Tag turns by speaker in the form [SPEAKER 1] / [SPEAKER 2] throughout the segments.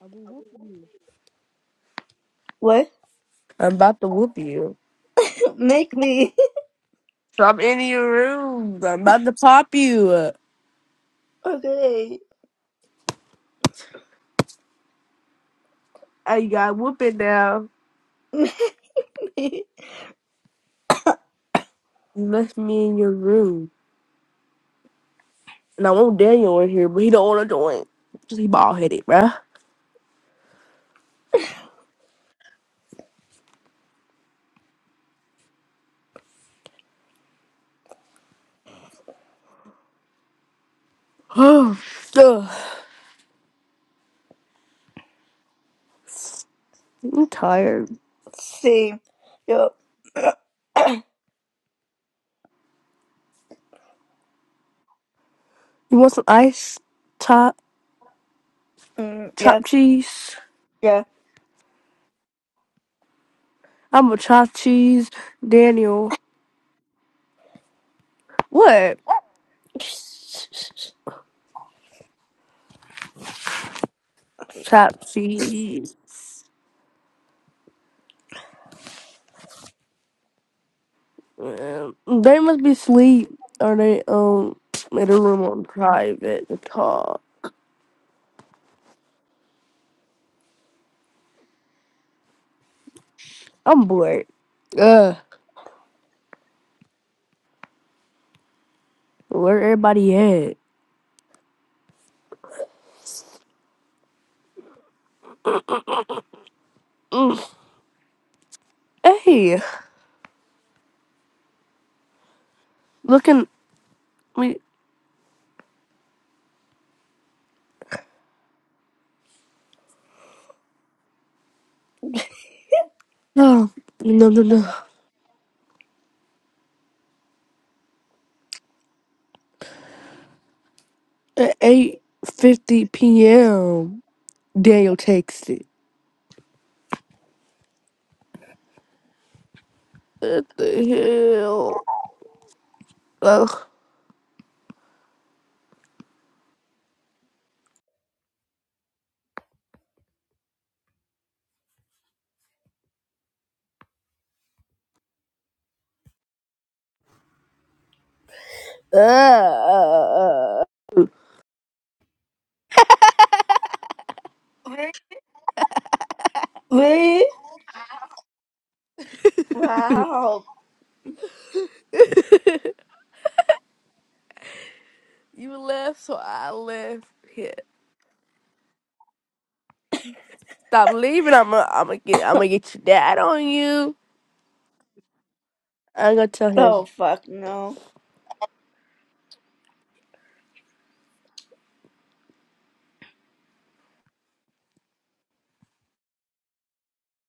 [SPEAKER 1] I
[SPEAKER 2] What?
[SPEAKER 1] am about to whoop you.
[SPEAKER 2] Make me.
[SPEAKER 1] So I'm in your room. I'm about to pop you. up.
[SPEAKER 2] Okay.
[SPEAKER 1] I got whooping now.
[SPEAKER 2] Make me
[SPEAKER 1] You left me in your room. And I want Daniel in here, but he don't want to join. Because he bald headed, bruh. Ugh. I'm tired.
[SPEAKER 2] see. Yo.
[SPEAKER 1] You want some ice? Chop,
[SPEAKER 2] Mm, yeah.
[SPEAKER 1] chop cheese?
[SPEAKER 2] Yeah.
[SPEAKER 1] I'm a chop cheese. Daniel. What? Chop cheese. Um, They must be asleep or they um in a room on private to talk. I'm bored. Ugh. Where everybody at? Hey, looking we no no no no at eight fifty p.m. Daniel texted. What the hell? Ugh. Ugh.
[SPEAKER 2] Really? Wow.
[SPEAKER 1] You left, so I left. Here, stop leaving. I'm gonna I'm get I'm gonna get your dad on you. I'm gonna tell him.
[SPEAKER 2] Oh fuck no.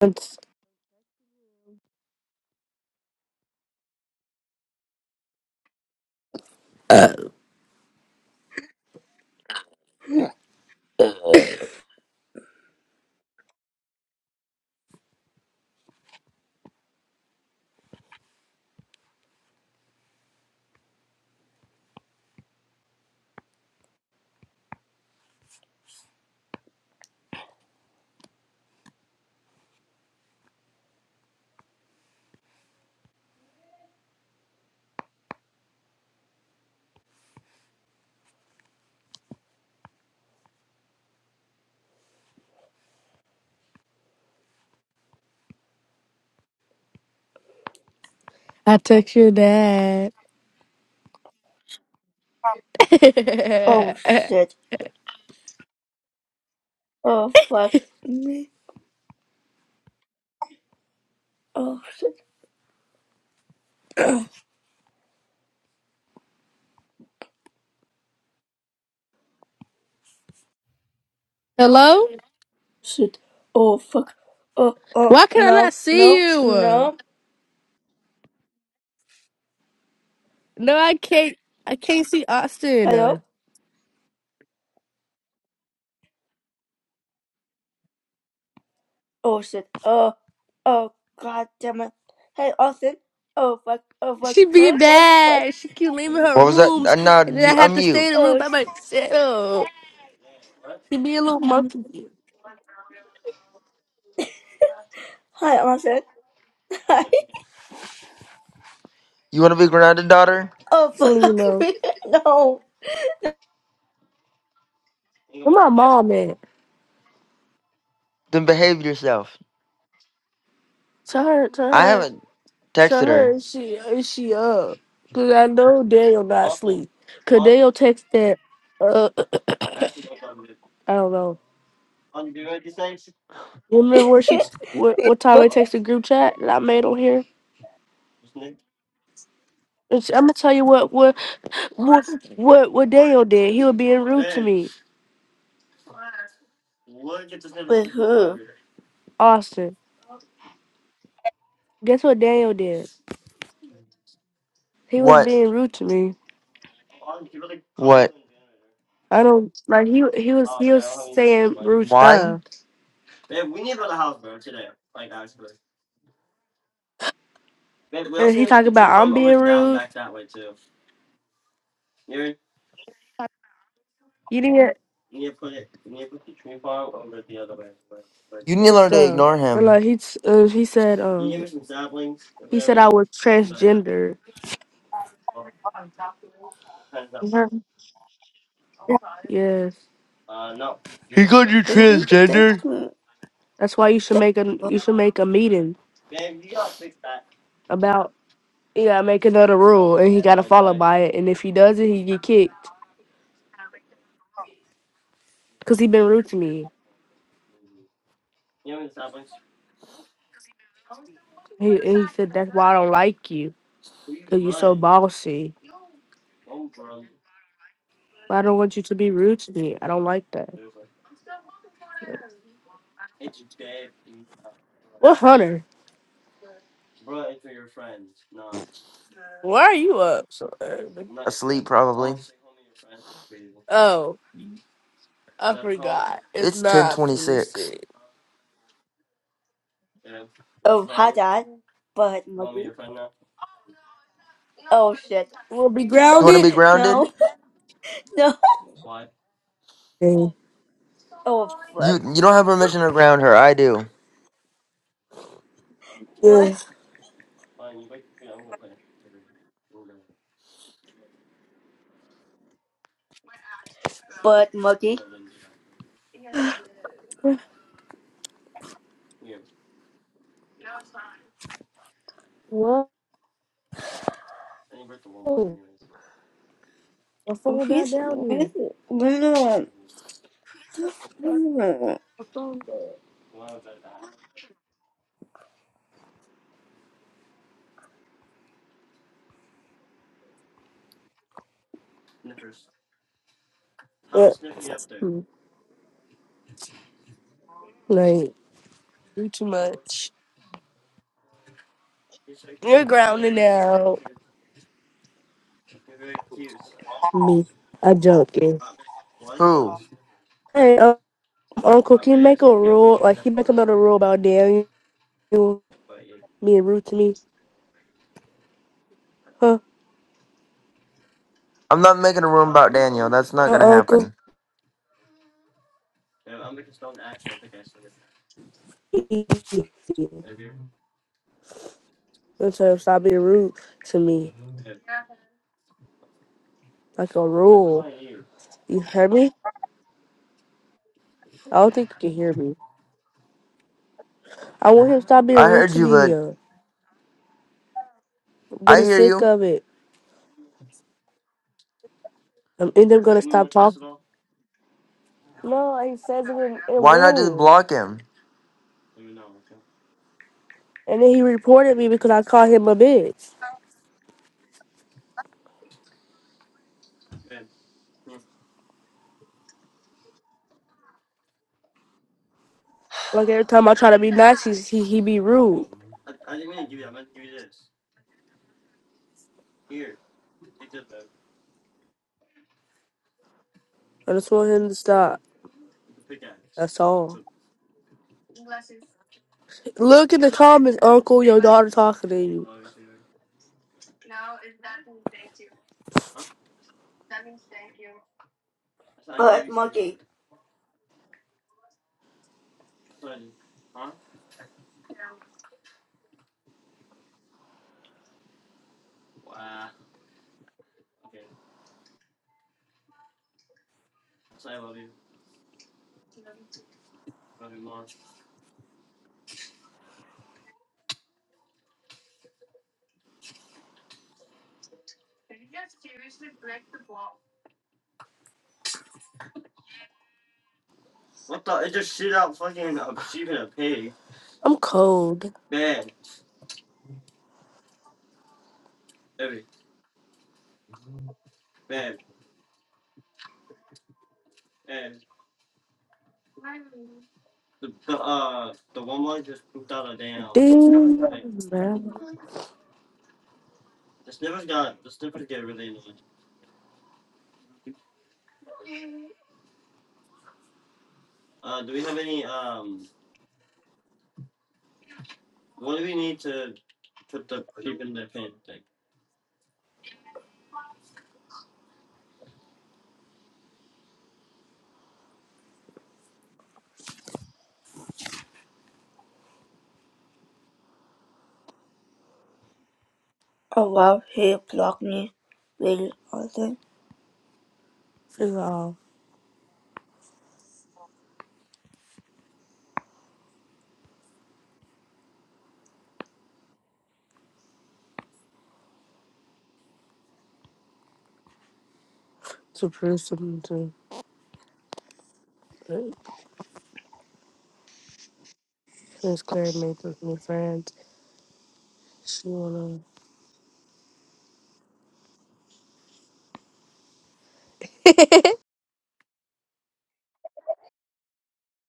[SPEAKER 1] It's- uh, I text your dad.
[SPEAKER 2] Oh shit. Oh fuck me. Oh shit.
[SPEAKER 1] Hello?
[SPEAKER 2] Shit. Oh fuck. Oh oh
[SPEAKER 1] Why can I not
[SPEAKER 2] no
[SPEAKER 1] see
[SPEAKER 2] no
[SPEAKER 1] you?
[SPEAKER 2] no.
[SPEAKER 1] No, I can't. I can't see
[SPEAKER 2] Hello.
[SPEAKER 1] Austin.
[SPEAKER 2] Oh shit. Oh oh god damn it. Hey Austin. Oh fuck. Oh fuck.
[SPEAKER 1] She be
[SPEAKER 2] Oh fuck. Fuck.
[SPEAKER 1] bad. She keep leaving her rooms, and then I have to stay in the room
[SPEAKER 2] Oh.
[SPEAKER 1] by myself. She be a little monkey.
[SPEAKER 2] Hi, I'm said hi.
[SPEAKER 3] You want to be grounded, daughter?
[SPEAKER 2] Oh
[SPEAKER 1] She don't
[SPEAKER 2] fuck
[SPEAKER 1] even know.
[SPEAKER 2] me. No.
[SPEAKER 1] Where my mom at?
[SPEAKER 3] Then behave yourself.
[SPEAKER 1] Tell her. Tell
[SPEAKER 3] I
[SPEAKER 1] her.
[SPEAKER 3] haven't
[SPEAKER 1] Tell
[SPEAKER 3] texted her.
[SPEAKER 1] her. She. uh, She up. Cause I know Daniel not sleep. Cause Daniel text that. Uh, I don't know. Remember where she
[SPEAKER 2] Wait,
[SPEAKER 1] what what time I texted group chat that I made on here? It's, I'm gonna tell you what what what what what Daniel did. He was being rude to me,
[SPEAKER 2] wait, who?
[SPEAKER 1] Austin. Guess what Daniel did? He was
[SPEAKER 3] What?
[SPEAKER 1] being rude to me.
[SPEAKER 3] What?
[SPEAKER 1] I don't like he he was he was saying rude
[SPEAKER 3] Why?
[SPEAKER 1] stuff, and he talking about I'm being rude, you did
[SPEAKER 3] You need to
[SPEAKER 1] and
[SPEAKER 3] learn to
[SPEAKER 1] stuff.
[SPEAKER 3] ignore
[SPEAKER 1] And
[SPEAKER 3] him.
[SPEAKER 1] like he t- uh, he said um he said I was transgender. Mhm. Yes,
[SPEAKER 3] He called you
[SPEAKER 2] Wait, who
[SPEAKER 3] transgender?
[SPEAKER 2] text me?
[SPEAKER 1] that's why you should make a you should make a meeting He gotta make another rule, and he gotta follow by it. And if he doesn't, he get kicked. Cause he been rude to me. He and he said that's why I don't like you. Cause you so bossy. But I don't want you to be rude to me. I don't like that. What Hunter? Why are you up so early?
[SPEAKER 3] Asleep, probably.
[SPEAKER 1] Oh, I forgot. It's
[SPEAKER 3] It's
[SPEAKER 1] not twenty
[SPEAKER 3] 1026.
[SPEAKER 1] six.
[SPEAKER 2] Oh, hi dad. But Muggy. Oh shit.
[SPEAKER 1] We'll be
[SPEAKER 3] You want to be
[SPEAKER 1] grounded.
[SPEAKER 3] grounded?
[SPEAKER 2] No, no.
[SPEAKER 1] Mm.
[SPEAKER 2] Oh fuck.
[SPEAKER 3] You you don't have permission to ground her. I do.
[SPEAKER 2] What?
[SPEAKER 1] Yeah.
[SPEAKER 2] But Muggy.
[SPEAKER 1] Whoa. My phone died
[SPEAKER 2] With,
[SPEAKER 1] down here.
[SPEAKER 2] with, with,
[SPEAKER 1] My phone died. What? Like, do too much. You're grounding out. Me. I'm joking.
[SPEAKER 3] Who?
[SPEAKER 1] Hey, um, Uncle, can you make a rule? Like, he make another rule about Daniel, being rude to me? Huh?
[SPEAKER 3] I'm not making a room about Daniel. That's not gonna
[SPEAKER 1] Uh, Uncle?
[SPEAKER 3] happen.
[SPEAKER 1] So stop being rude to me. Like a rule. You hear me? I don't think you can hear me. I want him to stop being
[SPEAKER 3] I
[SPEAKER 1] rude
[SPEAKER 3] heard
[SPEAKER 1] to
[SPEAKER 3] you,
[SPEAKER 1] me.
[SPEAKER 3] but
[SPEAKER 1] Uh, I'm
[SPEAKER 3] I
[SPEAKER 1] getting
[SPEAKER 3] hear
[SPEAKER 1] sick
[SPEAKER 3] you.
[SPEAKER 1] of it. I'm end up gonna stop talking. No, he says it in, in
[SPEAKER 3] Why not just
[SPEAKER 1] room.
[SPEAKER 3] block him?
[SPEAKER 1] And then he reported me because I called him a bitch. Like every time I try to be nice, he's, he he be rude. I just want him to stop. That's all. Look in the comments, Uncle. Your daughter talking to you.
[SPEAKER 2] but Muggy.
[SPEAKER 1] I'm cold. Ding, man.
[SPEAKER 2] Oh wow, he blocked me. Really? also.
[SPEAKER 1] It's all to prove something to Miss Claire made with my friends. She wanna.